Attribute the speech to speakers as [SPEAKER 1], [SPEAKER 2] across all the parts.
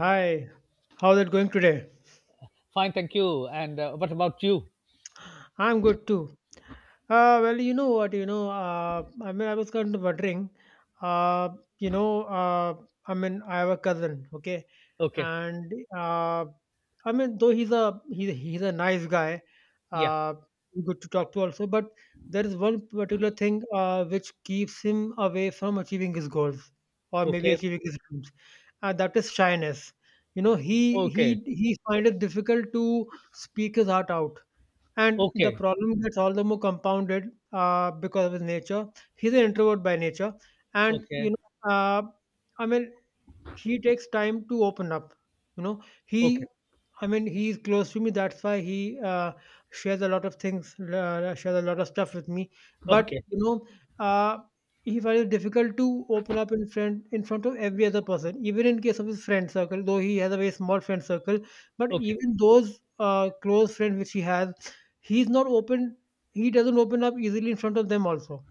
[SPEAKER 1] Hi, how's it going today?
[SPEAKER 2] Fine, thank you. And what about you?
[SPEAKER 1] I'm good too. Well, I mean, I was kind of wondering, uh, you know, uh, I mean, I have a cousin, okay,
[SPEAKER 2] Okay.
[SPEAKER 1] and I mean, though he's a nice guy,
[SPEAKER 2] Yeah.
[SPEAKER 1] uh, good to talk to also, but there is one particular thing which keeps him away from achieving his goals or maybe
[SPEAKER 2] Okay.
[SPEAKER 1] achieving his dreams, and that is shyness. You know, he
[SPEAKER 2] Okay.
[SPEAKER 1] he he finds it difficult to speak his heart out and the
[SPEAKER 2] Okay.
[SPEAKER 1] problem gets all the more compounded because of his nature. He's an introvert by nature, and
[SPEAKER 2] Okay.
[SPEAKER 1] I mean, he takes time to open up. you know
[SPEAKER 2] Okay.
[SPEAKER 1] he I mean, he is close to me, that's why he shares a lot of things, shares a lot of stuff with me, but
[SPEAKER 2] Okay.
[SPEAKER 1] you know, uh, he finds it difficult to open up in front of every other person, even in case of his friend circle, though he has a very small friend circle, but
[SPEAKER 2] Okay.
[SPEAKER 1] even those close friends which he has, he's not open, he doesn't open up easily in front of them also,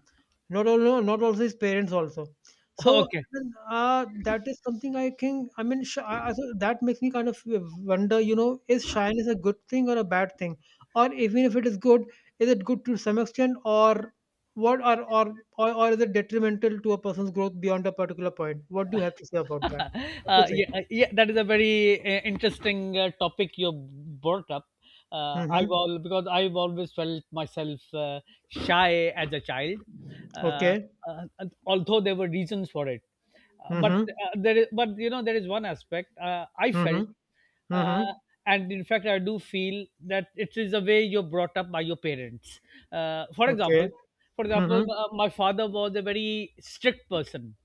[SPEAKER 1] not also his parents also. So,
[SPEAKER 2] Okay.
[SPEAKER 1] well, that is something I think. I mean, so that makes me kind of wonder. You know, is shyness a good thing or a bad thing, or even if it is good, is it good to some extent, or what, or is it detrimental to a person's growth beyond a particular point? What do you have to say about that? What do you think?
[SPEAKER 2] Yeah, that is a very interesting topic you brought up. I've
[SPEAKER 1] Mm-hmm.
[SPEAKER 2] all because I've always felt myself shy as a child, uh,
[SPEAKER 1] Okay.
[SPEAKER 2] and although there were reasons for it. Uh, but
[SPEAKER 1] Mm-hmm.
[SPEAKER 2] but you know, there is one aspect I felt,
[SPEAKER 1] Mm-hmm. Mm-hmm.
[SPEAKER 2] uh, and in fact I do feel that it is the way you're brought up by your parents. For example,
[SPEAKER 1] Okay. Mm-hmm.
[SPEAKER 2] my father was a very strict person,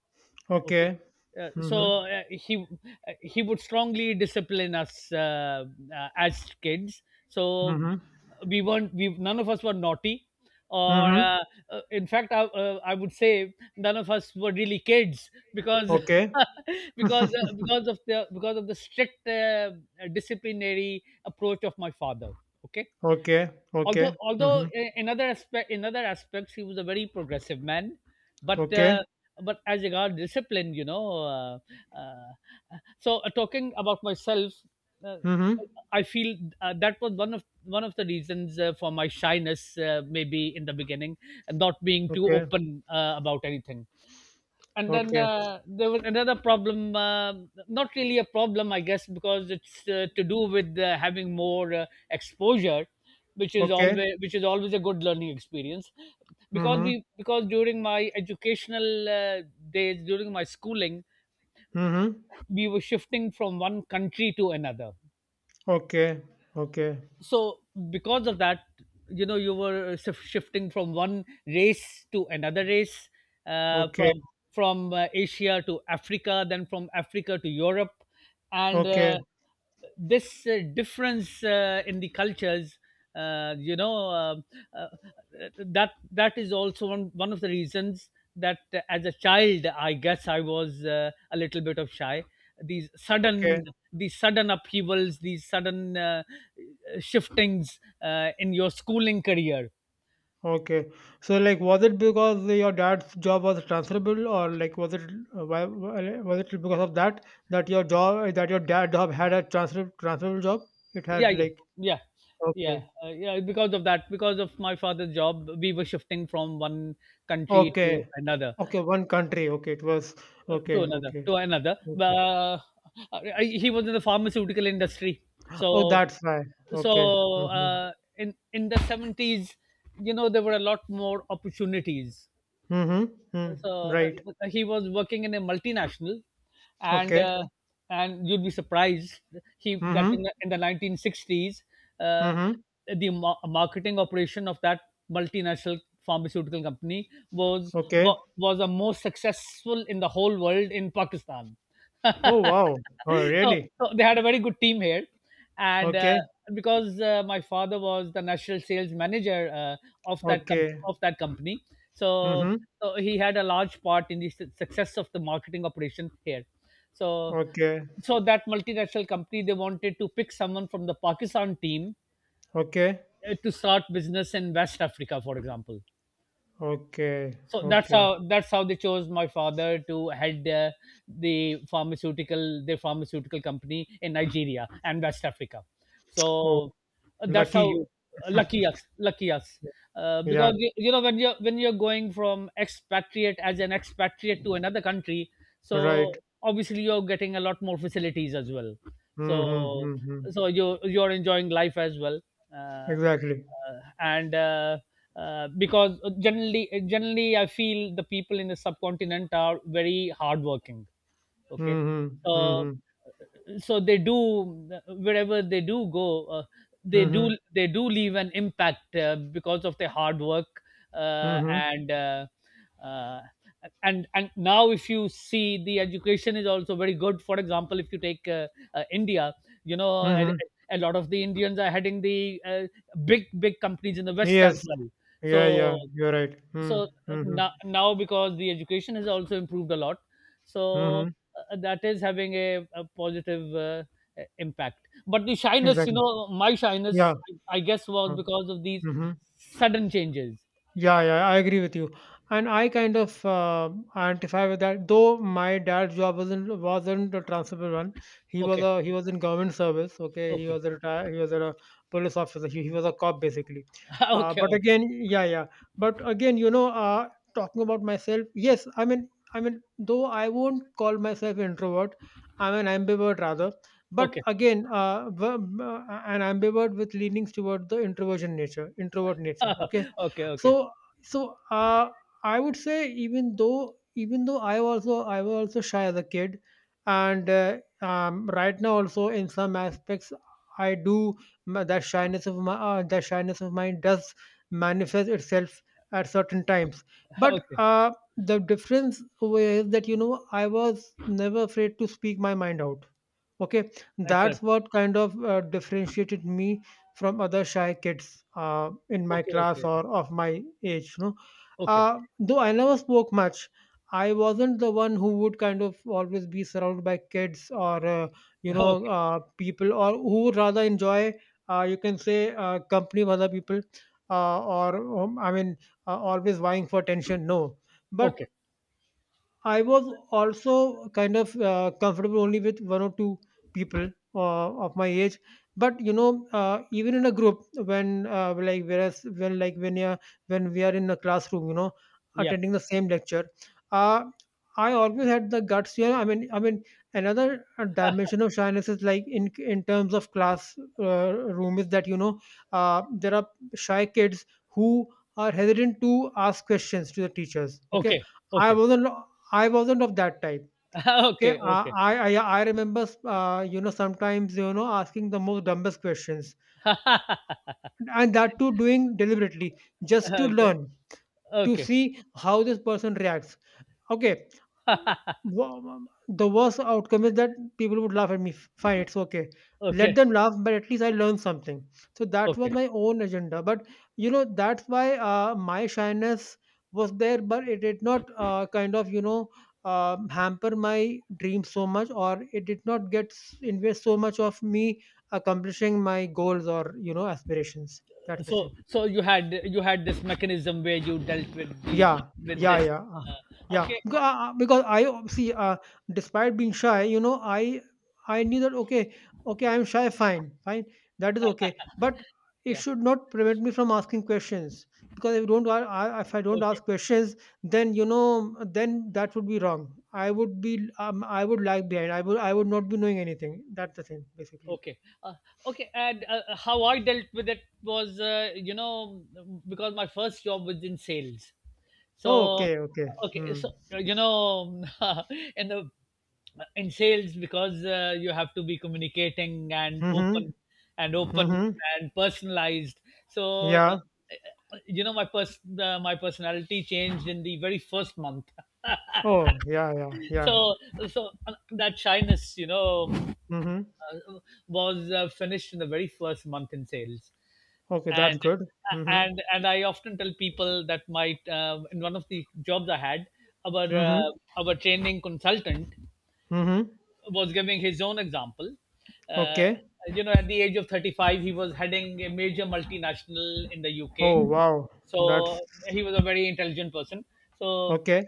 [SPEAKER 2] okay.
[SPEAKER 1] Okay. Mm-hmm.
[SPEAKER 2] He, he would strongly discipline us, as kids. So
[SPEAKER 1] Mm-hmm.
[SPEAKER 2] we weren't we none of us were naughty, or
[SPEAKER 1] Mm-hmm.
[SPEAKER 2] in fact I would say none of us were really kids because
[SPEAKER 1] Okay.
[SPEAKER 2] because of the strict disciplinary approach of my father, okay.
[SPEAKER 1] Okay.
[SPEAKER 2] although
[SPEAKER 1] Okay.
[SPEAKER 2] although
[SPEAKER 1] Mm-hmm.
[SPEAKER 2] i- in other aspect in other aspects he was a very progressive man, but uh,
[SPEAKER 1] Okay.
[SPEAKER 2] but as regard discipline, you know. Uh, Talking about myself, uh,
[SPEAKER 1] Mm-hmm.
[SPEAKER 2] I feel that was one of the reasons for my shyness, maybe in the beginning, not being too
[SPEAKER 1] Okay,
[SPEAKER 2] open about anything. And then
[SPEAKER 1] okay,
[SPEAKER 2] there was another problem, not really a problem, I guess, because it's to do with having more exposure, which is
[SPEAKER 1] okay.
[SPEAKER 2] always a good learning experience. Because
[SPEAKER 1] Mm-hmm.
[SPEAKER 2] we because during my educational days, during my schooling,
[SPEAKER 1] Mm-hmm.
[SPEAKER 2] we were shifting from one country to another.
[SPEAKER 1] Okay, okay,
[SPEAKER 2] So because of that, you know, you were shifting from one race to another race, uh,
[SPEAKER 1] okay,
[SPEAKER 2] from from Asia to Africa, then from Africa to Europe. And
[SPEAKER 1] okay,
[SPEAKER 2] This difference in the cultures, uh, you know uh, uh, that is also one of the reasons that, as a child, I guess I was a little bit of shy. these
[SPEAKER 1] okay,
[SPEAKER 2] sudden these sudden upheavals, these sudden shiftings in your schooling career.
[SPEAKER 1] okay. So, like, was it because your dad's job was transferable, or like, was it was it because of that that your dad job had a transferable job? It
[SPEAKER 2] yeah
[SPEAKER 1] had
[SPEAKER 2] yeah
[SPEAKER 1] like
[SPEAKER 2] yeah yeah
[SPEAKER 1] okay,
[SPEAKER 2] uh, yeah, because of that, because of my father's job we were shifting from one country to
[SPEAKER 1] okay,
[SPEAKER 2] another,
[SPEAKER 1] okay. One country. Okay, it was
[SPEAKER 2] uh, to
[SPEAKER 1] okay,
[SPEAKER 2] another
[SPEAKER 1] okay,
[SPEAKER 2] to another
[SPEAKER 1] okay.
[SPEAKER 2] uh, he was in the pharmaceutical industry.
[SPEAKER 1] Oh,
[SPEAKER 2] so
[SPEAKER 1] that's why.
[SPEAKER 2] so
[SPEAKER 1] Okay. Mm-hmm.
[SPEAKER 2] uh, in the 70s, you know, there were a lot more opportunities.
[SPEAKER 1] Mm-hmm. Mm,
[SPEAKER 2] so uh,
[SPEAKER 1] right.
[SPEAKER 2] he was working in a multinational, and
[SPEAKER 1] Okay.
[SPEAKER 2] uh, and you'd be surprised he that
[SPEAKER 1] Mm-hmm.
[SPEAKER 2] in in the 1960s, uh,
[SPEAKER 1] Mm-hmm.
[SPEAKER 2] the marketing operation of that multinational pharmaceutical company
[SPEAKER 1] Okay.
[SPEAKER 2] was the most successful in the whole world in Pakistan.
[SPEAKER 1] Oh, wow. Oh,
[SPEAKER 2] so,
[SPEAKER 1] really?
[SPEAKER 2] so they had a very good team here, and
[SPEAKER 1] Okay.
[SPEAKER 2] because my father was the national sales manager of
[SPEAKER 1] Okay.
[SPEAKER 2] of that company. so
[SPEAKER 1] Mm-hmm.
[SPEAKER 2] so he had a large part in the success of the marketing operation here. so
[SPEAKER 1] Okay.
[SPEAKER 2] so that multinational company, they wanted to pick someone from the Pakistan team
[SPEAKER 1] Okay.
[SPEAKER 2] to start business in West Africa, for example.
[SPEAKER 1] Okay.
[SPEAKER 2] so that's
[SPEAKER 1] Okay.
[SPEAKER 2] how that's how they chose my father to head their pharmaceutical company in Nigeria and West Africa.
[SPEAKER 1] Oh,
[SPEAKER 2] So that's
[SPEAKER 1] lucky
[SPEAKER 2] how,
[SPEAKER 1] you.
[SPEAKER 2] lucky us, lucky us.
[SPEAKER 1] Yeah.
[SPEAKER 2] Because you know, when you're going from expatriate as an expatriate to another country, so
[SPEAKER 1] Right.
[SPEAKER 2] obviously you're getting a lot more facilities as well. So
[SPEAKER 1] Mm-hmm. Mm-hmm.
[SPEAKER 2] you're enjoying life as well. Uh,
[SPEAKER 1] Exactly.
[SPEAKER 2] and because generally Generally, I feel the people in the subcontinent are very hardworking, okay.
[SPEAKER 1] Mm-hmm.
[SPEAKER 2] uh,
[SPEAKER 1] Mm-hmm.
[SPEAKER 2] so they do, wherever they do go, they do
[SPEAKER 1] Mm-hmm.
[SPEAKER 2] they do leave an impact because of their hard work. uh,
[SPEAKER 1] Mm-hmm.
[SPEAKER 2] and uh, uh, and now, if you see, the education is also very good. For example, if you take India, you know, a,
[SPEAKER 1] Mm-hmm.
[SPEAKER 2] a lot of the Indians are heading the uh, big companies in the West as
[SPEAKER 1] Yes.
[SPEAKER 2] well. so
[SPEAKER 1] Yeah. Yeah. You're right.
[SPEAKER 2] so
[SPEAKER 1] Mm-hmm.
[SPEAKER 2] uh,
[SPEAKER 1] Mm-hmm.
[SPEAKER 2] now, now because the education has also improved a lot, so
[SPEAKER 1] Mm-hmm.
[SPEAKER 2] that is having a positive impact. But the shyness, you
[SPEAKER 1] Exactly.
[SPEAKER 2] know, my
[SPEAKER 1] Yeah.
[SPEAKER 2] shyness, I guess, was
[SPEAKER 1] Uh,
[SPEAKER 2] because of these
[SPEAKER 1] mhm.
[SPEAKER 2] sudden changes.
[SPEAKER 1] Yeah, I agree with you, and I kind of identify with that. Though my dad's job wasn't a transferable one. He was
[SPEAKER 2] Okay.
[SPEAKER 1] a he was in government service. Okay,
[SPEAKER 2] Okay.
[SPEAKER 1] he was a police officer. He was a cop basically.
[SPEAKER 2] Okay.
[SPEAKER 1] But
[SPEAKER 2] Okay.
[SPEAKER 1] again, yeah. But again, you know, talking about myself, yes, I mean, though I won't call myself introvert, I'm an ambivert rather. But
[SPEAKER 2] Okay.
[SPEAKER 1] again, an ambivert with leanings toward the introvert nature. Okay,
[SPEAKER 2] Okay. Okay.
[SPEAKER 1] so so I would say even though I was also shy as a kid, and right now also in some aspects I do, that shyness of my that shyness of mine does manifest itself at certain times. But
[SPEAKER 2] Okay.
[SPEAKER 1] the difference was that you know I was never afraid to speak my mind out. Okay,
[SPEAKER 2] Excellent.
[SPEAKER 1] that's what kind of differentiated me from other shy kids in my
[SPEAKER 2] Okay.
[SPEAKER 1] class
[SPEAKER 2] Okay.
[SPEAKER 1] or of my age. You know,
[SPEAKER 2] Okay.
[SPEAKER 1] though I never spoke much, I wasn't the one who would kind of always be surrounded by kids or
[SPEAKER 2] Okay.
[SPEAKER 1] people, or who would rather enjoy you can say company of other people, or I mean always vying for attention. No, but
[SPEAKER 2] Okay.
[SPEAKER 1] I was also kind of comfortable only with one or two people of my age. But you know, even in a group, when like whereas when like when you when we are in a classroom, you know,
[SPEAKER 2] Yeah.
[SPEAKER 1] attending the same lecture, uh, I always had the guts. You know, I mean, another dimension of shyness is like in terms of class room is that you know there are shy kids who are hesitant to ask questions to the teachers. Okay,
[SPEAKER 2] Okay.
[SPEAKER 1] I
[SPEAKER 2] Okay.
[SPEAKER 1] wasn't. I wasn't of that type. Okay,
[SPEAKER 2] Okay.
[SPEAKER 1] I
[SPEAKER 2] Okay.
[SPEAKER 1] I I I remember you know sometimes you know asking the most dumbest questions, and that too doing deliberately just to
[SPEAKER 2] Okay.
[SPEAKER 1] learn, to
[SPEAKER 2] Okay.
[SPEAKER 1] see how this person reacts. Okay. Wha- The worst outcome is that people would laugh at me. Fine, it's okay. Let
[SPEAKER 2] Okay.
[SPEAKER 1] them laugh, but at least I learned something. So that was
[SPEAKER 2] Okay.
[SPEAKER 1] my own agenda. But you know, that's why my shyness was there, but it did not kind of you know hamper my dreams so much, or it did not invest so much of me accomplishing my goals or you know aspirations. That's the
[SPEAKER 2] So
[SPEAKER 1] thing.
[SPEAKER 2] you had this mechanism where you dealt with the,
[SPEAKER 1] Yeah,
[SPEAKER 2] with
[SPEAKER 1] yeah,
[SPEAKER 2] this,
[SPEAKER 1] yeah, uh, yeah.
[SPEAKER 2] okay, oh,
[SPEAKER 1] Because I, see, despite being shy, you know, I knew that okay, okay, I'm shy, fine, fine, that is okay. But it
[SPEAKER 2] yeah.
[SPEAKER 1] should not prevent me from asking questions, because if you don't, if I don't
[SPEAKER 2] Okay.
[SPEAKER 1] ask questions, then you know, then that would be wrong. I would be, I would lag behind. I would not be knowing anything. That's the thing, basically.
[SPEAKER 2] Okay. uh, okay, and how I dealt with it was, you know, because my first job was in sales. So
[SPEAKER 1] Okay, okay.
[SPEAKER 2] okay,
[SPEAKER 1] Hmm.
[SPEAKER 2] so you know, in the in sales, because you have to be communicating and
[SPEAKER 1] Mm-hmm.
[SPEAKER 2] open and open
[SPEAKER 1] Mm-hmm.
[SPEAKER 2] and personalized. So
[SPEAKER 1] Yeah.
[SPEAKER 2] you know, my my personality changed in the very first month.
[SPEAKER 1] Oh, yeah, yeah.
[SPEAKER 2] So that shyness, you know,
[SPEAKER 1] Mm-hmm.
[SPEAKER 2] was finished in the very first month in sales.
[SPEAKER 1] Okay, that's
[SPEAKER 2] and
[SPEAKER 1] good. Mhm.
[SPEAKER 2] and I often tell people that my in one of the jobs I had, our uh,
[SPEAKER 1] Mhm.
[SPEAKER 2] our training consultant
[SPEAKER 1] Mhm.
[SPEAKER 2] was giving his own example. Uh,
[SPEAKER 1] Okay.
[SPEAKER 2] you know, at the age of 35, he was heading a major multinational in the UK.
[SPEAKER 1] Oh, wow. That's
[SPEAKER 2] So he was a very intelligent person. So
[SPEAKER 1] okay.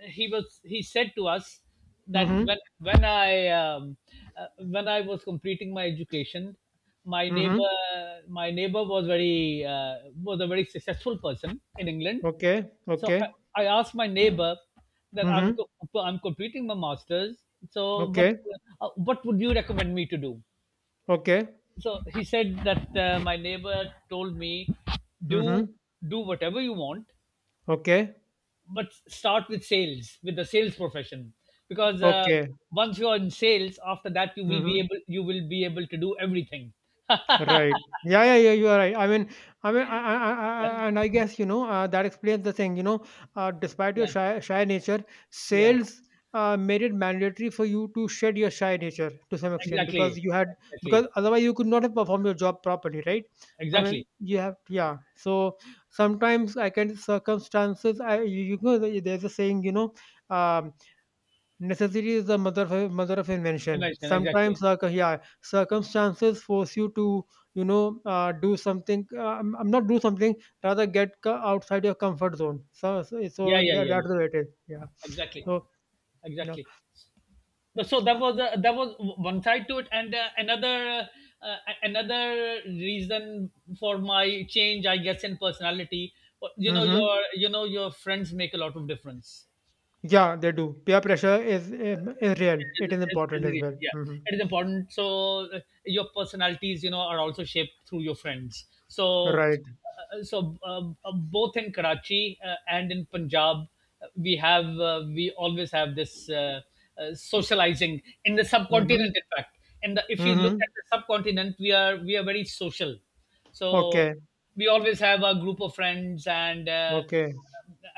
[SPEAKER 2] he was he said to us that
[SPEAKER 1] Mhm.
[SPEAKER 2] when I um, uh, when I was completing my education, my
[SPEAKER 1] Mhm.
[SPEAKER 2] neighbor, my neighbor, was very was a very successful person in England.
[SPEAKER 1] Okay.
[SPEAKER 2] So
[SPEAKER 1] Okay.
[SPEAKER 2] I asked my neighbor that I'm
[SPEAKER 1] Mhm.
[SPEAKER 2] I'm completing my masters. So
[SPEAKER 1] Okay.
[SPEAKER 2] what would you recommend me to do?
[SPEAKER 1] Okay.
[SPEAKER 2] So he said that, my neighbor told me, do
[SPEAKER 1] Mhm.
[SPEAKER 2] whatever you want,
[SPEAKER 1] Okay.
[SPEAKER 2] but start with sales, with the sales profession, because
[SPEAKER 1] Okay.
[SPEAKER 2] once you are in sales, after that you will be
[SPEAKER 1] Mhm.
[SPEAKER 2] able, to do everything.
[SPEAKER 1] Right. Yeah, yeah. You are right. I mean, I mean, I, I, I, and I guess you know that explains the thing. You know, despite your
[SPEAKER 2] Yeah,
[SPEAKER 1] shy nature,
[SPEAKER 2] yeah.
[SPEAKER 1] sales made it mandatory for you to shed your shy nature to some extent, because
[SPEAKER 2] Exactly.
[SPEAKER 1] you had, because
[SPEAKER 2] Exactly.
[SPEAKER 1] otherwise you could not have performed your job properly, right? I mean,
[SPEAKER 2] Exactly.
[SPEAKER 1] you have yeah. So sometimes I can circumstances. I you, you know there's a saying. You know, um, necessity is the mother of invention.
[SPEAKER 2] Imagine, exactly.
[SPEAKER 1] Sometimes, yeah, circumstances force you to, you know, do something. I'm not do something. Rather, get outside your comfort zone. So, so,
[SPEAKER 2] yeah
[SPEAKER 1] so
[SPEAKER 2] yeah
[SPEAKER 1] that,
[SPEAKER 2] yeah yeah
[SPEAKER 1] that's the way it is. Yeah.
[SPEAKER 2] Exactly.
[SPEAKER 1] So, yeah.
[SPEAKER 2] Exactly. But so that was, that was one side to it, and another, uh, another reason for my change, I guess, in personality, you know,
[SPEAKER 1] Mm-hmm.
[SPEAKER 2] your friends make a lot of difference.
[SPEAKER 1] Yeah, they do. Peer pressure is real. It is important as well.
[SPEAKER 2] Yeah,
[SPEAKER 1] Mm-hmm.
[SPEAKER 2] it is important. So uh, your personalities, you know, are also shaped through your friends. so
[SPEAKER 1] Right.
[SPEAKER 2] uh, so uh, uh, both in Karachi and in Punjab, we always have this socializing in the
[SPEAKER 1] Mm-hmm.
[SPEAKER 2] subcontinent, in fact. If you look
[SPEAKER 1] Mm-hmm.
[SPEAKER 2] at the subcontinent, we are, we are very social. So
[SPEAKER 1] Okay.
[SPEAKER 2] we always have a group of friends, and uh,
[SPEAKER 1] Okay.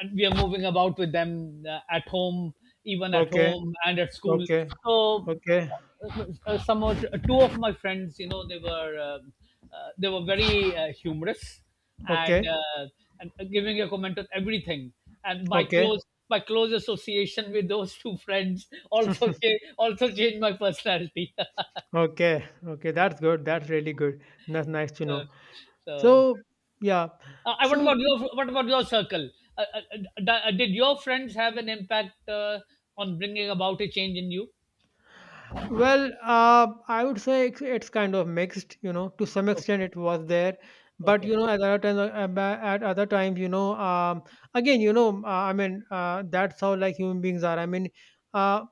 [SPEAKER 2] and we are moving about with them at home, even at
[SPEAKER 1] Okay.
[SPEAKER 2] home and at school.
[SPEAKER 1] Okay.
[SPEAKER 2] So
[SPEAKER 1] Okay.
[SPEAKER 2] some of, two of my friends, you know, they were um, they were very humorous and
[SPEAKER 1] Okay.
[SPEAKER 2] uh, and giving a comment on everything. And my
[SPEAKER 1] Okay.
[SPEAKER 2] close, my close association with those two friends also also changed my personality.
[SPEAKER 1] Okay, okay, that's good. That's really good. That's nice to
[SPEAKER 2] Uh,
[SPEAKER 1] know.
[SPEAKER 2] so.
[SPEAKER 1] So, yeah.
[SPEAKER 2] What about
[SPEAKER 1] So,
[SPEAKER 2] your, what about your circle? Uh, uh, did your friends have an impact on bringing about a change in you?
[SPEAKER 1] well, I would say it's kind of mixed, you know, to some
[SPEAKER 2] Okay.
[SPEAKER 1] extent it was there. But,
[SPEAKER 2] Okay.
[SPEAKER 1] you know, at other times, at other times, you know, again, you know, that's how like human beings are. Uh,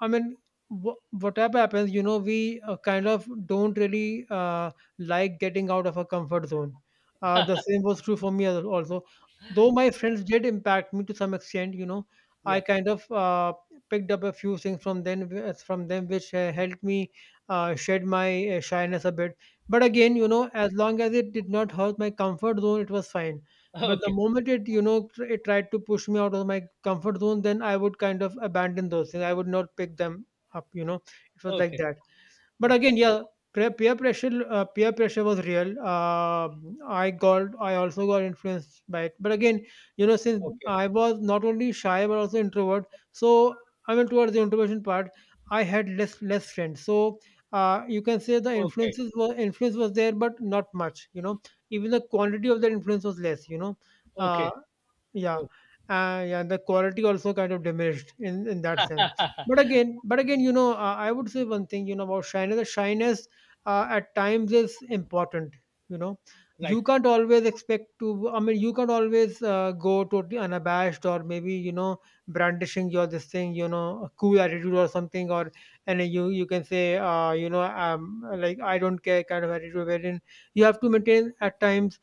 [SPEAKER 1] I mean, whatever happens, you know, we kind of don't really like getting out of our comfort zone. The same was true for me also. Though my friends did impact me to some extent, you know, I
[SPEAKER 2] Yeah.
[SPEAKER 1] kind of picked up a few things from them, which helped me shed my shyness a bit. But again, you know, as long as it did not hurt my comfort zone, it was fine, but the
[SPEAKER 2] Okay.
[SPEAKER 1] moment it, you know, it tried to push me out of my comfort zone, then I would kind of abandon those things. I would not pick them up, you know. It was like
[SPEAKER 2] Okay.
[SPEAKER 1] that. But
[SPEAKER 2] Okay.
[SPEAKER 1] again, yeah, peer pressure was real. I got, I also got influenced by it. But again, you know, since
[SPEAKER 2] Okay.
[SPEAKER 1] I was not only shy but also introvert, so I mean, towards the introversion part, I had less friends. So you can say the
[SPEAKER 2] Okay.
[SPEAKER 1] influence was there, but not much. You know, even the quantity of that influence was less. You know, uh,
[SPEAKER 2] Okay.
[SPEAKER 1] yeah,
[SPEAKER 2] Okay.
[SPEAKER 1] yeah, the quality also kind of diminished in that sense. But again, you know, I would say one thing, you know, about shyness. The shyness at times is important. You know,
[SPEAKER 2] Right.
[SPEAKER 1] you can't always expect to. I mean, you can't always go totally unabashed or maybe you know brandishing your this thing, you know, a cool attitude or something, or and you can say, like I don't care kind of attitude. Wherein you have to maintain at times.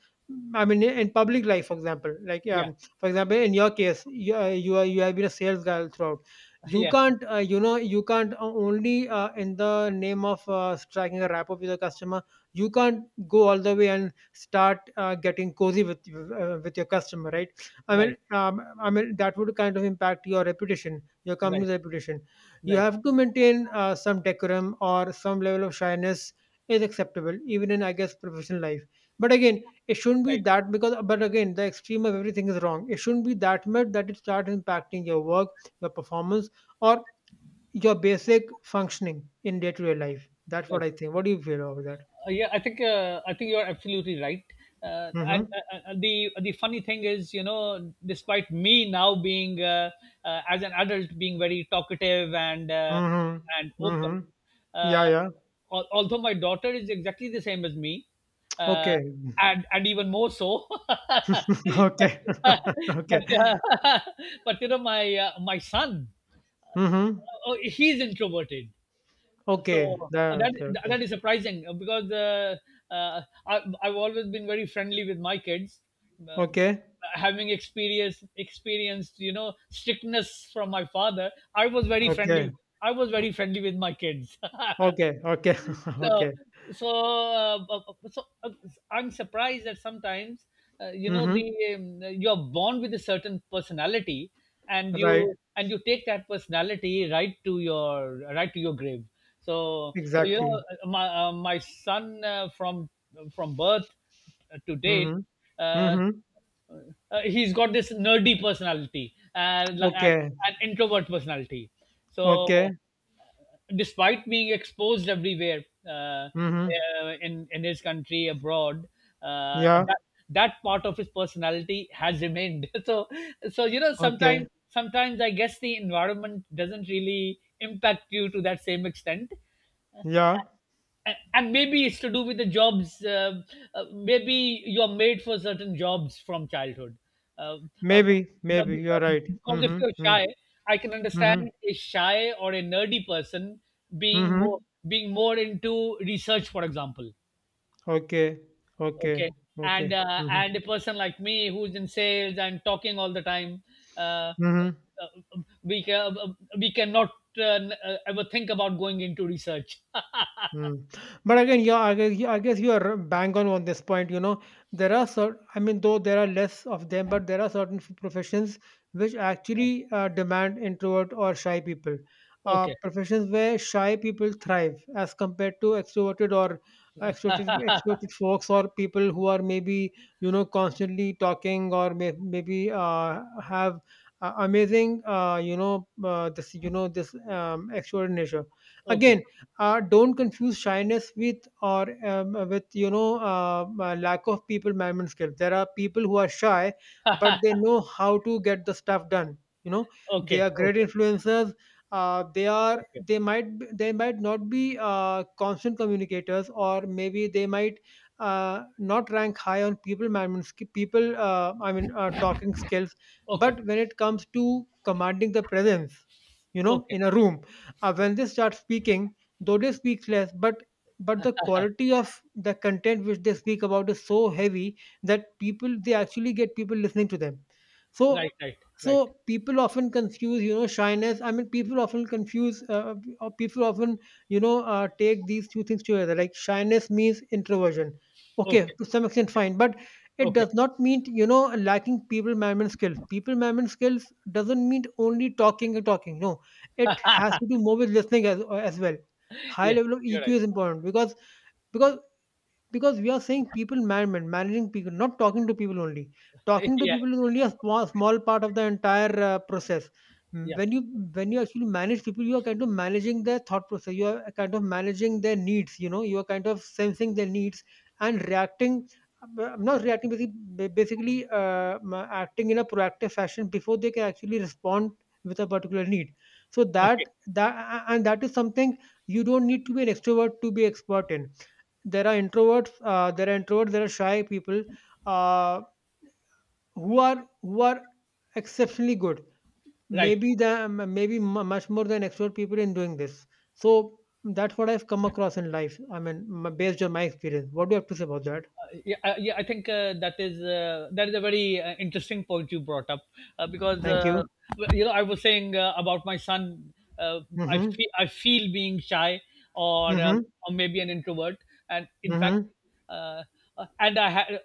[SPEAKER 1] In public life, for example,
[SPEAKER 2] Yeah.
[SPEAKER 1] for example, in your case you have been a sales guy throughout. you
[SPEAKER 2] Yeah.
[SPEAKER 1] can't uh, you know you can't only, in the name of striking a rapport with the customer, you can't go all the way and start getting cozy with with your customer, right? i mean
[SPEAKER 2] Right.
[SPEAKER 1] um, i mean that would kind of impact your reputation, your company's
[SPEAKER 2] Right.
[SPEAKER 1] reputation. You
[SPEAKER 2] Right.
[SPEAKER 1] have to maintain some decorum, or some level of shyness is acceptable even in, I guess, professional life. But again, it shouldn't be
[SPEAKER 2] Right.
[SPEAKER 1] that because but again, the extreme of everything is wrong. It shouldn't be that much that it starts impacting your work, your performance, or your basic functioning in day-to-day life. That's what
[SPEAKER 2] Right.
[SPEAKER 1] I think. What do you feel about that?
[SPEAKER 2] Yeah, I think, I think you're absolutely right. And
[SPEAKER 1] Mm-hmm.
[SPEAKER 2] The funny thing is, you know, despite me now being, as an adult, being very talkative
[SPEAKER 1] Mm-hmm.
[SPEAKER 2] and open,
[SPEAKER 1] Mm-hmm. Yeah,
[SPEAKER 2] uh,
[SPEAKER 1] yeah.
[SPEAKER 2] although my daughter is exactly the same as me, uh,
[SPEAKER 1] Okay.
[SPEAKER 2] and even more so. But
[SPEAKER 1] Okay.
[SPEAKER 2] but,
[SPEAKER 1] Okay.
[SPEAKER 2] uh, but you know, my my son,
[SPEAKER 1] Mm-hmm.
[SPEAKER 2] oh, he's introverted.
[SPEAKER 1] Okay.
[SPEAKER 2] So
[SPEAKER 1] That, okay. Okay.
[SPEAKER 2] that is surprising because, uh, I, I've always been very friendly with my kids. Um,
[SPEAKER 1] Okay.
[SPEAKER 2] having experienced, you know, strictness from my father, I was very
[SPEAKER 1] Okay.
[SPEAKER 2] friendly. I was very friendly with my kids.
[SPEAKER 1] Okay. Okay.
[SPEAKER 2] so
[SPEAKER 1] Okay.
[SPEAKER 2] so uh, b- so uh, I'm surprised that sometimes you know the
[SPEAKER 1] Mm-hmm.
[SPEAKER 2] you're born with a certain personality, and
[SPEAKER 1] Right.
[SPEAKER 2] you take that personality right to your grave. So
[SPEAKER 1] Exactly.
[SPEAKER 2] my my son, from birth to date,
[SPEAKER 1] Mm-hmm.
[SPEAKER 2] uh, uh,
[SPEAKER 1] Mm-hmm.
[SPEAKER 2] he's got this nerdy personality, and
[SPEAKER 1] Okay.
[SPEAKER 2] an introvert personality.
[SPEAKER 1] Okay.
[SPEAKER 2] So despite being exposed everywhere,
[SPEAKER 1] Mm-hmm.
[SPEAKER 2] in his country abroad,
[SPEAKER 1] Yeah.
[SPEAKER 2] that that part of his personality has remained. So so you know
[SPEAKER 1] Okay.
[SPEAKER 2] sometimes sometimes I guess the environment doesn't really impact you to that same extent.
[SPEAKER 1] Yeah.
[SPEAKER 2] And maybe it's to do with the jobs, maybe you're made for certain jobs from childhood, uh, uh,
[SPEAKER 1] Maybe.
[SPEAKER 2] but
[SPEAKER 1] Maybe you're right.
[SPEAKER 2] because if
[SPEAKER 1] Mm-hmm.
[SPEAKER 2] you're shy,
[SPEAKER 1] Mm-hmm.
[SPEAKER 2] I can
[SPEAKER 1] Mm-hmm.
[SPEAKER 2] understand a shy or a nerdy person being more
[SPEAKER 1] Mm-hmm.
[SPEAKER 2] being more into research, for example.
[SPEAKER 1] Okay. Okay.
[SPEAKER 2] Okay.
[SPEAKER 1] Okay.
[SPEAKER 2] And
[SPEAKER 1] Mm-hmm.
[SPEAKER 2] and a person like me who's in sales and talking all the time, uh,
[SPEAKER 1] Mm-hmm.
[SPEAKER 2] uh, we can, we cannot uh, ever think about going into research.
[SPEAKER 1] Mm. But again, yeah, I guess, you are bang on this point. You know, there are certain, I mean, though there are less of them, but there are certain professions which actually demand introvert or shy people.
[SPEAKER 2] Okay.
[SPEAKER 1] Professions where shy people thrive as compared to extroverted, or extroverted folks, or people who are, maybe, you know, constantly talking, or maybe have amazing, this extroverted nature.
[SPEAKER 2] Okay.
[SPEAKER 1] Again, don't confuse shyness with, you know, lack of people management skills. There are people who are shy but they know how to get the stuff done. You know, they
[SPEAKER 2] Okay,
[SPEAKER 1] are great
[SPEAKER 2] okay,
[SPEAKER 1] influencers. uh, they are
[SPEAKER 2] okay,
[SPEAKER 1] they might they might not be constant communicators, or maybe they might not rank high on people management people, I mean, talking skills.
[SPEAKER 2] okay,
[SPEAKER 1] But when it comes to commanding the presence, you know,
[SPEAKER 2] okay.
[SPEAKER 1] in a room, when they start speaking, though they speak less, but the quality of the content which they speak about is so heavy that people they actually get people listening to them. so
[SPEAKER 2] Right, right, right.
[SPEAKER 1] so people often confuse, you know, shyness. I mean, people often confuse or people often, you know, take these two things together, like shyness means introversion. Okay,
[SPEAKER 2] Okay,
[SPEAKER 1] to some extent,
[SPEAKER 2] okay,
[SPEAKER 1] fine. But it
[SPEAKER 2] okay.
[SPEAKER 1] does not mean, you know, lacking people management skills. People management skills doesn't mean only talking and talking. No, it has to do more with listening as well. High
[SPEAKER 2] Yeah,
[SPEAKER 1] level of
[SPEAKER 2] you're
[SPEAKER 1] EQ
[SPEAKER 2] right.
[SPEAKER 1] is important because because we are saying people management, managing people, not talking to people only. Talking to
[SPEAKER 2] Yeah,
[SPEAKER 1] people is only a small part of the entire process. Mm,
[SPEAKER 2] yeah.
[SPEAKER 1] when you, when you actually manage people, you are kind of managing their thought process, you are kind of managing their needs, you know, you are kind of sensing their needs and reacting. I'm not reacting, basically, basically acting in a proactive fashion before they can actually respond with a particular need. So
[SPEAKER 2] Okay,
[SPEAKER 1] that, and that is something you don't need to be an extrovert to be expert in. There are introverts, there are shy people, uh, who are, exceptionally good,
[SPEAKER 2] right.
[SPEAKER 1] maybe the m- maybe mu much more than extrovert people in doing this. So that's what I've come across in life. I mean, based on my experience, what do you have to say about that?
[SPEAKER 2] Yeah, yeah. I think that is a very interesting point you brought up, because
[SPEAKER 1] Thank you.
[SPEAKER 2] well, you know, I was saying about my son.
[SPEAKER 1] Mm-hmm.
[SPEAKER 2] I feel being shy or uh,
[SPEAKER 1] Mm-hmm.
[SPEAKER 2] or maybe an introvert, and in fact,
[SPEAKER 1] Mm-hmm.
[SPEAKER 2] uh, and I had,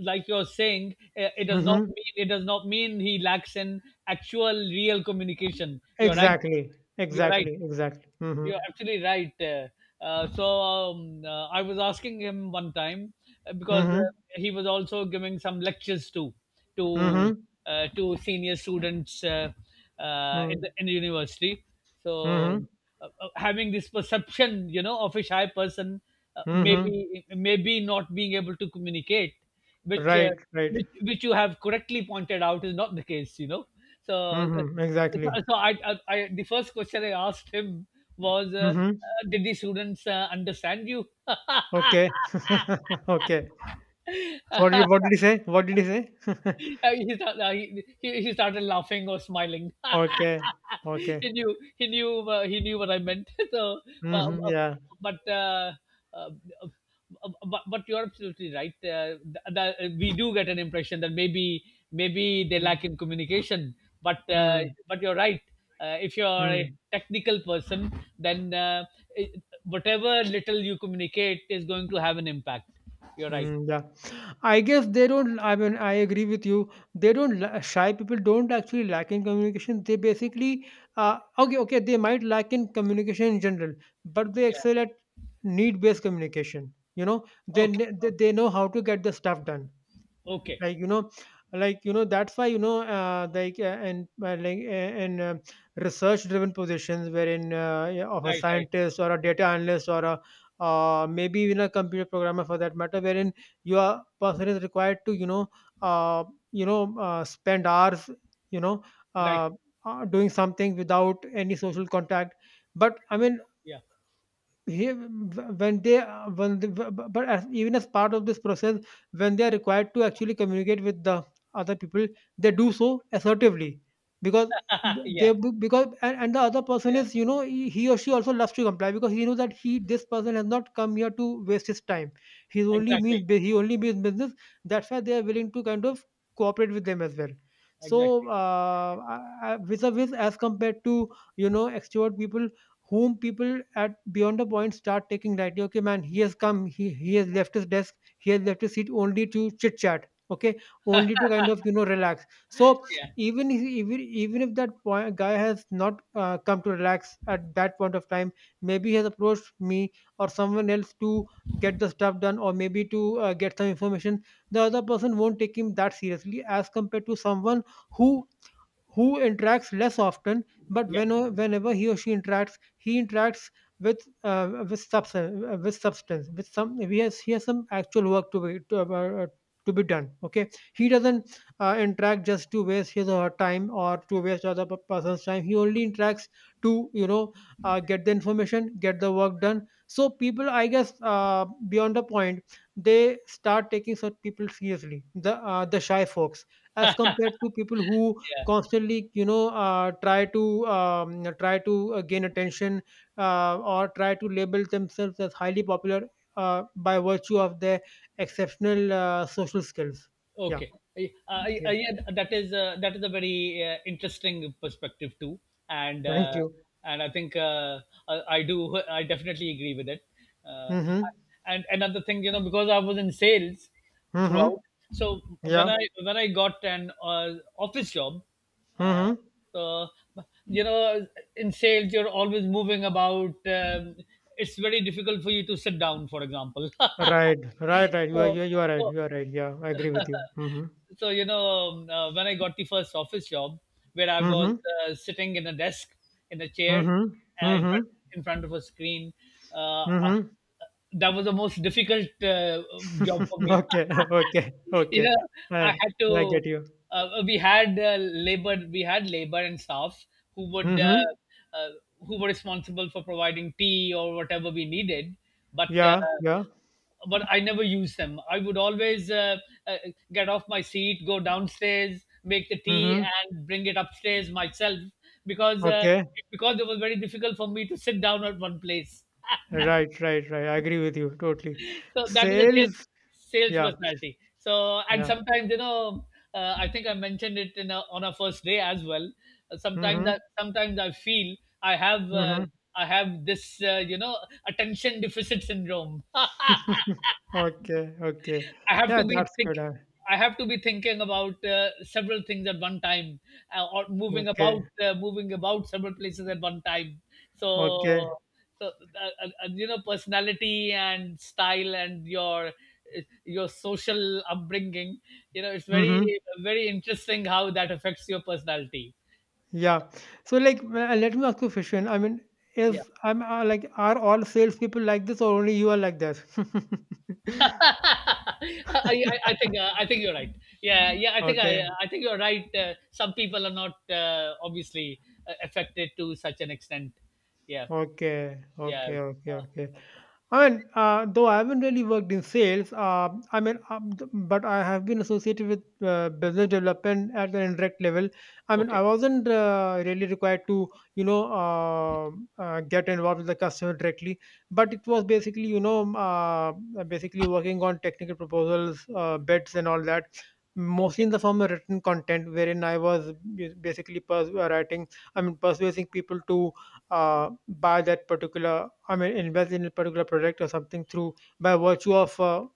[SPEAKER 2] like you're saying, it does not
[SPEAKER 1] Mm-hmm.
[SPEAKER 2] mean it does not mean he lacks in actual real communication. You're right.
[SPEAKER 1] Exactly,
[SPEAKER 2] You're right.
[SPEAKER 1] exactly, exactly. Mm-hmm.
[SPEAKER 2] You're actually right. So I was asking him one time, because
[SPEAKER 1] Mm-hmm.
[SPEAKER 2] he was also giving some lectures too, to
[SPEAKER 1] Mm-hmm.
[SPEAKER 2] to senior students,
[SPEAKER 1] Mm-hmm.
[SPEAKER 2] in the university. So
[SPEAKER 1] Mm-hmm.
[SPEAKER 2] having this perception, you know, of a shy person,
[SPEAKER 1] Mm-hmm.
[SPEAKER 2] maybe maybe not being able to communicate, which uh,
[SPEAKER 1] Right, right.
[SPEAKER 2] which you have correctly pointed out is not the case, you know. So. uh,
[SPEAKER 1] Mm-hmm.
[SPEAKER 2] so
[SPEAKER 1] Exactly.
[SPEAKER 2] I, the first question I asked him was,
[SPEAKER 1] Mm-hmm.
[SPEAKER 2] "Did the students understand you?"
[SPEAKER 1] Okay. Okay. What did what did he say? What did he say?
[SPEAKER 2] He started laughing or smiling.
[SPEAKER 1] Okay. Okay.
[SPEAKER 2] He knew he knew what I meant. So, uh,
[SPEAKER 1] Mhm.
[SPEAKER 2] uh,
[SPEAKER 1] Yeah.
[SPEAKER 2] but uh, uh, uh, but you're absolutely right. We do get an impression that maybe maybe they
[SPEAKER 1] Mm.
[SPEAKER 2] lack in communication. But uh,
[SPEAKER 1] Hmm.
[SPEAKER 2] but you're right. If you're a
[SPEAKER 1] Mm.
[SPEAKER 2] technical person, then it- whatever little you communicate is going to have an impact. You're right.
[SPEAKER 1] Mm. Yeah. I guess they don't. I mean, I agree with you. They don't la shy people don't actually lack in communication. They basically, okay, okay, they might lack in communication in general, but they
[SPEAKER 2] Yeah.
[SPEAKER 1] excel at need-based communication. You know, they
[SPEAKER 2] Okay.
[SPEAKER 1] kn-
[SPEAKER 2] Okay.
[SPEAKER 1] they know how to get the stuff done.
[SPEAKER 2] Okay.
[SPEAKER 1] Like, you know, like, you know, that's why, you know, like, and like, in research driven positions, wherein, yeah, of a
[SPEAKER 2] Right. Right.
[SPEAKER 1] scientist, or a data analyst, or a maybe even a computer programmer, for that matter, wherein your person is required to, you know, uh, spend hours, you know,
[SPEAKER 2] Right.
[SPEAKER 1] uh, doing something without any social contact. But I mean,
[SPEAKER 2] Yeah.
[SPEAKER 1] he when they when the, but, even as part of this process, when they are required to actually communicate with the other people, they do so assertively, because
[SPEAKER 2] Yeah.
[SPEAKER 1] they because and the other person
[SPEAKER 2] Yeah.
[SPEAKER 1] is, you know, he or she also loves to comply, because he knows that he this person has not come here to waste his time.
[SPEAKER 2] Exactly.
[SPEAKER 1] He only means business. That's why they are willing to kind of cooperate with them as well.
[SPEAKER 2] Exactly.
[SPEAKER 1] So, vis a vis, as compared to, you know, extrovert people, whom people, at beyond a point, start taking lightly. Okay, man, he has come, he has left his desk, he has left his seat only to chit chat. Okay, only to kind of, you know, relax. So,
[SPEAKER 2] Yeah.
[SPEAKER 1] even if that point, guy has not come to relax at that point of time, maybe he has approached me or someone else to get the stuff done, or maybe to get some information. The other person won't take him that seriously, as compared to someone who who interacts less often, but
[SPEAKER 2] Yeah.
[SPEAKER 1] whenever he or she interacts, he interacts with substance, with some. He has some actual work uh, to be done. Okay, he doesn't interact just to waste his or her time or to waste other person's time. He only interacts to, you know, get the information, get the work done. So, people, I guess, beyond a point, they start taking such people seriously. The shy folks, as compared to people who
[SPEAKER 2] Yeah.
[SPEAKER 1] constantly, you know, try to try to gain attention, or try to label themselves as highly popular, by virtue of their exceptional, social skills. Yeah,
[SPEAKER 2] Okay,
[SPEAKER 1] yeah.
[SPEAKER 2] yeah, that is a very interesting perspective too, and
[SPEAKER 1] Thank
[SPEAKER 2] uh,
[SPEAKER 1] you.
[SPEAKER 2] and I think I do I definitely agree with it. Uh,
[SPEAKER 1] Mhm.
[SPEAKER 2] and another thing, you know, because I was in sales
[SPEAKER 1] Mhm.
[SPEAKER 2] throughout, so
[SPEAKER 1] Yeah.
[SPEAKER 2] when I got an office job, uh,
[SPEAKER 1] Mhm.
[SPEAKER 2] so you know, in sales you're always moving about. It's very difficult for you to sit down, for example.
[SPEAKER 1] Right, right, right.
[SPEAKER 2] So,
[SPEAKER 1] You are right
[SPEAKER 2] so
[SPEAKER 1] yeah, I agree with you. Mhm.
[SPEAKER 2] when I got the first office job where I was
[SPEAKER 1] Mhm.
[SPEAKER 2] sitting in a desk in a chair,
[SPEAKER 1] Mhm.
[SPEAKER 2] uh, in,
[SPEAKER 1] Mhm.
[SPEAKER 2] front, in front of a screen, uh, uh,
[SPEAKER 1] Mhm.
[SPEAKER 2] that was the most difficult job for me.
[SPEAKER 1] Okay, okay, okay.
[SPEAKER 2] Yeah, I
[SPEAKER 1] i
[SPEAKER 2] had
[SPEAKER 1] i
[SPEAKER 2] to
[SPEAKER 1] get you.
[SPEAKER 2] we had labor we had labor and staffs who would
[SPEAKER 1] Mhm.
[SPEAKER 2] uh, who were responsible for providing tea or whatever we needed, but uh,
[SPEAKER 1] Yeah, yeah.
[SPEAKER 2] but I never used them. I would always uh, get off my seat, go downstairs, make the tea,
[SPEAKER 1] Mhm.
[SPEAKER 2] and bring it upstairs myself, because uh,
[SPEAKER 1] Okay.
[SPEAKER 2] because it was very difficult for me to sit down at one place.
[SPEAKER 1] Right, right, right. I agree with you totally.
[SPEAKER 2] So that is a sales,
[SPEAKER 1] Sales.
[SPEAKER 2] sales
[SPEAKER 1] Yeah,
[SPEAKER 2] personality. So and
[SPEAKER 1] yeah.
[SPEAKER 2] sometimes you know, I think I mentioned it in a, on our first day as well. Sometimes
[SPEAKER 1] Mhm.
[SPEAKER 2] that sometimes I feel I have uh,
[SPEAKER 1] Mhm.
[SPEAKER 2] I have this you know, attention deficit syndrome.
[SPEAKER 1] Okay, okay.
[SPEAKER 2] I have
[SPEAKER 1] Yeah,
[SPEAKER 2] to be
[SPEAKER 1] that's
[SPEAKER 2] think.
[SPEAKER 1] good.
[SPEAKER 2] I have to be thinking about several things at one time, or
[SPEAKER 1] Okay,
[SPEAKER 2] moving about several places at one time. So,
[SPEAKER 1] okay.
[SPEAKER 2] so you know, personality and style and your social upbringing. You know, it's very
[SPEAKER 1] Mhm.
[SPEAKER 2] very interesting how that affects your personality.
[SPEAKER 1] Yeah. So, let me ask you a question. I mean,
[SPEAKER 2] Yeah.
[SPEAKER 1] if I'm like, are all salespeople like this, or only you are like this?
[SPEAKER 2] I think you're right. Yeah, yeah.
[SPEAKER 1] Okay,
[SPEAKER 2] I think you're right. Some people are not obviously affected to such an extent. Yeah,
[SPEAKER 1] okay,
[SPEAKER 2] yeah.
[SPEAKER 1] okay, okay, okay.
[SPEAKER 2] Okay,
[SPEAKER 1] I mean, though I haven't really worked in sales, I mean, but I have been associated with business development at an indirect level. I mean,
[SPEAKER 2] okay,
[SPEAKER 1] I wasn't really required to, you know, get involved with the customer directly, but it was basically, you know, basically working on technical proposals, bids, and all that. Mostly
[SPEAKER 2] okay,
[SPEAKER 1] in the form of written content, wherein I was basically writing, I mean, persuading people to buy that particular, I mean, invest in a particular project or something through, by virtue of,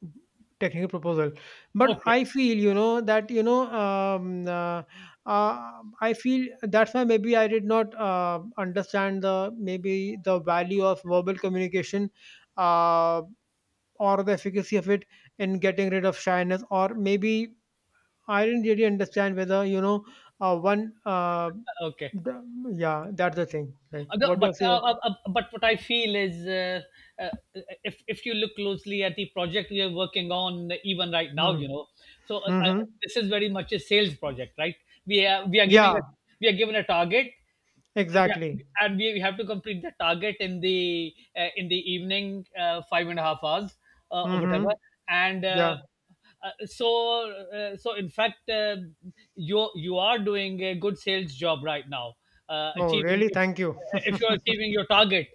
[SPEAKER 1] technical proposal. But
[SPEAKER 2] okay,
[SPEAKER 1] I feel, you know, that, you know, I feel that's why, maybe, I did not understand the, maybe, the value of verbal communication, uh, or the efficacy of it in getting rid of shyness, or maybe I didn't really understand whether, you know, one.
[SPEAKER 2] okay.
[SPEAKER 1] The, yeah, that's the thing. Like,
[SPEAKER 2] Although-
[SPEAKER 1] what do I say?
[SPEAKER 2] But what I feel is, uh, if you look closely at the project we are working on, even right now, you
[SPEAKER 1] Mm-hmm.
[SPEAKER 2] know, so
[SPEAKER 1] Mm-hmm.
[SPEAKER 2] this is very much a sales project, right? We are giving a,
[SPEAKER 1] Yeah.
[SPEAKER 2] we are given a target, we are-
[SPEAKER 1] Exactly.
[SPEAKER 2] and we have to complete the target in the evening, 5.5 hours or whatever,
[SPEAKER 1] Mm-hmm.
[SPEAKER 2] and.
[SPEAKER 1] Yeah.
[SPEAKER 2] So so in fact you you are doing a good sales job right now,
[SPEAKER 1] Oh,
[SPEAKER 2] achieving
[SPEAKER 1] really? Thank you.
[SPEAKER 2] if you are achieving your target.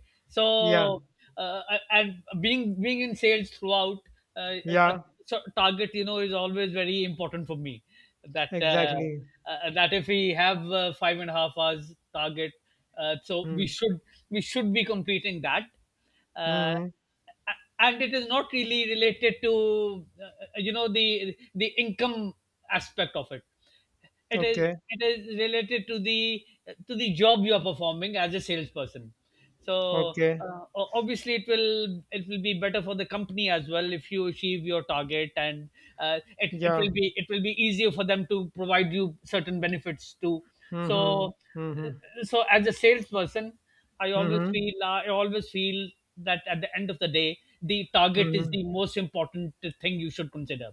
[SPEAKER 1] Yeah.
[SPEAKER 2] So uh, and being being in sales throughout, uh, uh,
[SPEAKER 1] Yeah.
[SPEAKER 2] so target you know is always very important for me. That
[SPEAKER 1] Exactly.
[SPEAKER 2] that if we have 5.5 hours target, so
[SPEAKER 1] Mm.
[SPEAKER 2] we should be completing that. Uh,
[SPEAKER 1] Mm-hmm.
[SPEAKER 2] and it is not really related to you know the income aspect of it,
[SPEAKER 1] Okay.
[SPEAKER 2] it is related to the job you are performing as a salesperson. So
[SPEAKER 1] Okay.
[SPEAKER 2] obviously it will be better for the company as well if you achieve your target, and
[SPEAKER 1] Yeah.
[SPEAKER 2] it will be easier for them to provide you certain benefits too.
[SPEAKER 1] Mm-hmm.
[SPEAKER 2] So
[SPEAKER 1] Mm-hmm.
[SPEAKER 2] uh, so as a salesperson,
[SPEAKER 1] Mm-hmm.
[SPEAKER 2] I always feel that at the end of the day, the target is
[SPEAKER 1] Mm-hmm.
[SPEAKER 2] the most important thing you should consider.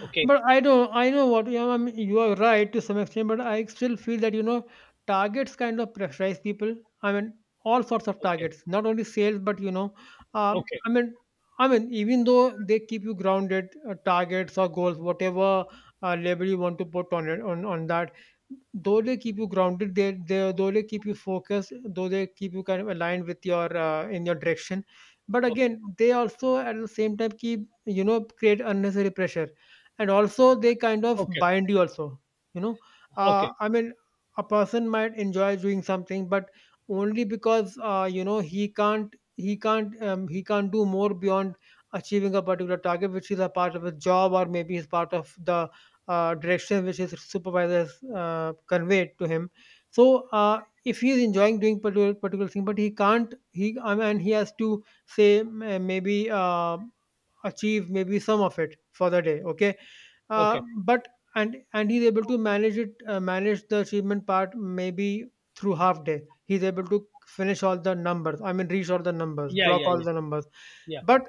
[SPEAKER 2] Okay,
[SPEAKER 1] But I know what you - I mean, you are right to some extent, but I still feel that, you know, targets kind of pressurize people. I mean, all sorts of
[SPEAKER 2] okay,
[SPEAKER 1] targets, not only sales, but, you know, uh,
[SPEAKER 2] okay,
[SPEAKER 1] I mean, even though they keep you grounded - targets, or goals, whatever label you want to put on it, on that - though they keep you grounded, they though they keep you focused, though they keep you kind of aligned with your, in your direction. But
[SPEAKER 2] okay,
[SPEAKER 1] again, they also at the same time keep, you know, create unnecessary pressure, and also they kind of
[SPEAKER 2] okay,
[SPEAKER 1] bind you also, you know,
[SPEAKER 2] okay,
[SPEAKER 1] I mean, a person might enjoy doing something, but only because, you know, he can't, he can't do more beyond achieving a particular target, which is a part of his job, or maybe is part of the direction which his supervisors conveyed to him. So, if he is enjoying doing particular thing, but he can't, he, I mean, he has to, say, maybe achieve maybe some of it for the day, okay,
[SPEAKER 2] okay.
[SPEAKER 1] but, and he's able to manage it, manage the achievement part, maybe through half day. He's able to finish all the numbers. I mean, reach all the numbers,
[SPEAKER 2] Yeah,
[SPEAKER 1] clock
[SPEAKER 2] yeah,
[SPEAKER 1] all the numbers.
[SPEAKER 2] yeah,
[SPEAKER 1] But,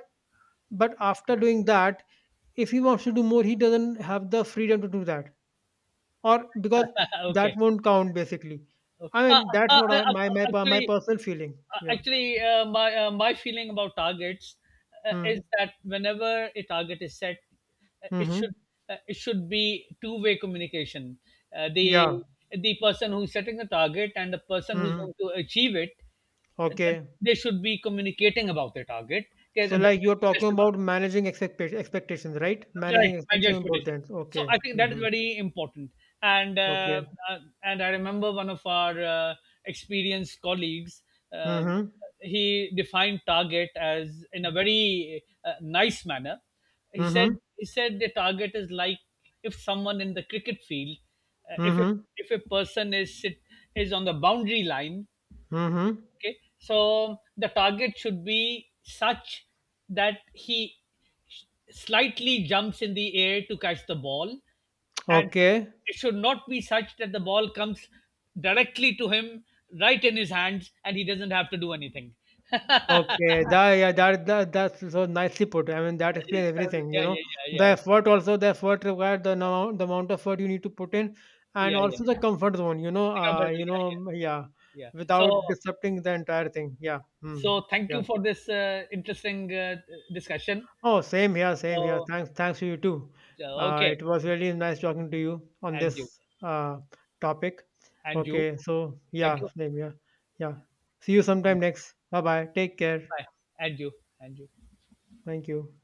[SPEAKER 1] after doing that, if he wants to do more, he doesn't have the freedom to do that, or because
[SPEAKER 2] yeah. Okay.
[SPEAKER 1] that won't count, basically.
[SPEAKER 2] Okay.
[SPEAKER 1] I mean, that's
[SPEAKER 2] Uh,
[SPEAKER 1] what
[SPEAKER 2] uh,
[SPEAKER 1] I, my my
[SPEAKER 2] uh,
[SPEAKER 1] per- my
[SPEAKER 2] actually,
[SPEAKER 1] personal feeling. Yeah.
[SPEAKER 2] actually, my my feeling about targets
[SPEAKER 1] Hmm.
[SPEAKER 2] is that whenever a target is set, uh, it
[SPEAKER 1] Mm-hmm.
[SPEAKER 2] should it should be two-way communication. Uh,
[SPEAKER 1] Yeah.
[SPEAKER 2] the the person who's setting the target and the person who's
[SPEAKER 1] Mm-hmm.
[SPEAKER 2] going to achieve it, uh,
[SPEAKER 1] Okay.
[SPEAKER 2] they should be communicating about the target. Okay,
[SPEAKER 1] So,
[SPEAKER 2] th- th-
[SPEAKER 1] like, you're
[SPEAKER 2] this
[SPEAKER 1] talking
[SPEAKER 2] is what.
[SPEAKER 1] about managing expectations, right?
[SPEAKER 2] Right,
[SPEAKER 1] Managing
[SPEAKER 2] manage
[SPEAKER 1] expectations on both
[SPEAKER 2] expectation.
[SPEAKER 1] ends.
[SPEAKER 2] So
[SPEAKER 1] Okay.
[SPEAKER 2] I think that is
[SPEAKER 1] Mm-hmm.
[SPEAKER 2] very important. And uh,
[SPEAKER 1] Okay.
[SPEAKER 2] and I remember one of our experienced colleagues. Um,
[SPEAKER 1] Mm-hmm.
[SPEAKER 2] he defined target as in a very nice manner. He said
[SPEAKER 1] Mm-hmm.
[SPEAKER 2] he said the target is like if someone in the cricket field, uh, if a,
[SPEAKER 1] Mm-hmm.
[SPEAKER 2] if a person is sit, is on the boundary line,
[SPEAKER 1] Mm-hmm.
[SPEAKER 2] okay, so the target should be such that he slightly jumps in the air to catch the ball, and
[SPEAKER 1] Okay.
[SPEAKER 2] it should not be such that the ball comes directly to him right in his hands and he doesn't have to do anything.
[SPEAKER 1] Okay. That, that's so nicely put. I mean, that explains
[SPEAKER 2] So,
[SPEAKER 1] everything, you
[SPEAKER 2] yeah yeah
[SPEAKER 1] know.
[SPEAKER 2] yeah
[SPEAKER 1] The
[SPEAKER 2] yeah,
[SPEAKER 1] effort also, the effort required, the amount of effort you need to put in, and
[SPEAKER 2] yeah yeah.
[SPEAKER 1] also the comfort zone,
[SPEAKER 2] Think about it,
[SPEAKER 1] you
[SPEAKER 2] yeah yeah.
[SPEAKER 1] know, yeah.
[SPEAKER 2] Yeah. So
[SPEAKER 1] Without disrupting the entire thing. Yeah. Hmm.
[SPEAKER 2] so thank
[SPEAKER 1] Yeah.
[SPEAKER 2] you for this interesting discussion.
[SPEAKER 1] Oh, same here, same here.
[SPEAKER 2] So
[SPEAKER 1] Thanks, thanks to you too.
[SPEAKER 2] okay.
[SPEAKER 1] It was really nice talking to you on
[SPEAKER 2] And you.
[SPEAKER 1] this topic.
[SPEAKER 2] And you.
[SPEAKER 1] Okay, so
[SPEAKER 2] Thank
[SPEAKER 1] yeah,
[SPEAKER 2] you.
[SPEAKER 1] same here. Yeah. See you
[SPEAKER 2] Thank
[SPEAKER 1] sometime
[SPEAKER 2] you.
[SPEAKER 1] next. Bye bye. Take care.
[SPEAKER 2] Bye. And you. And you.
[SPEAKER 1] Thank you.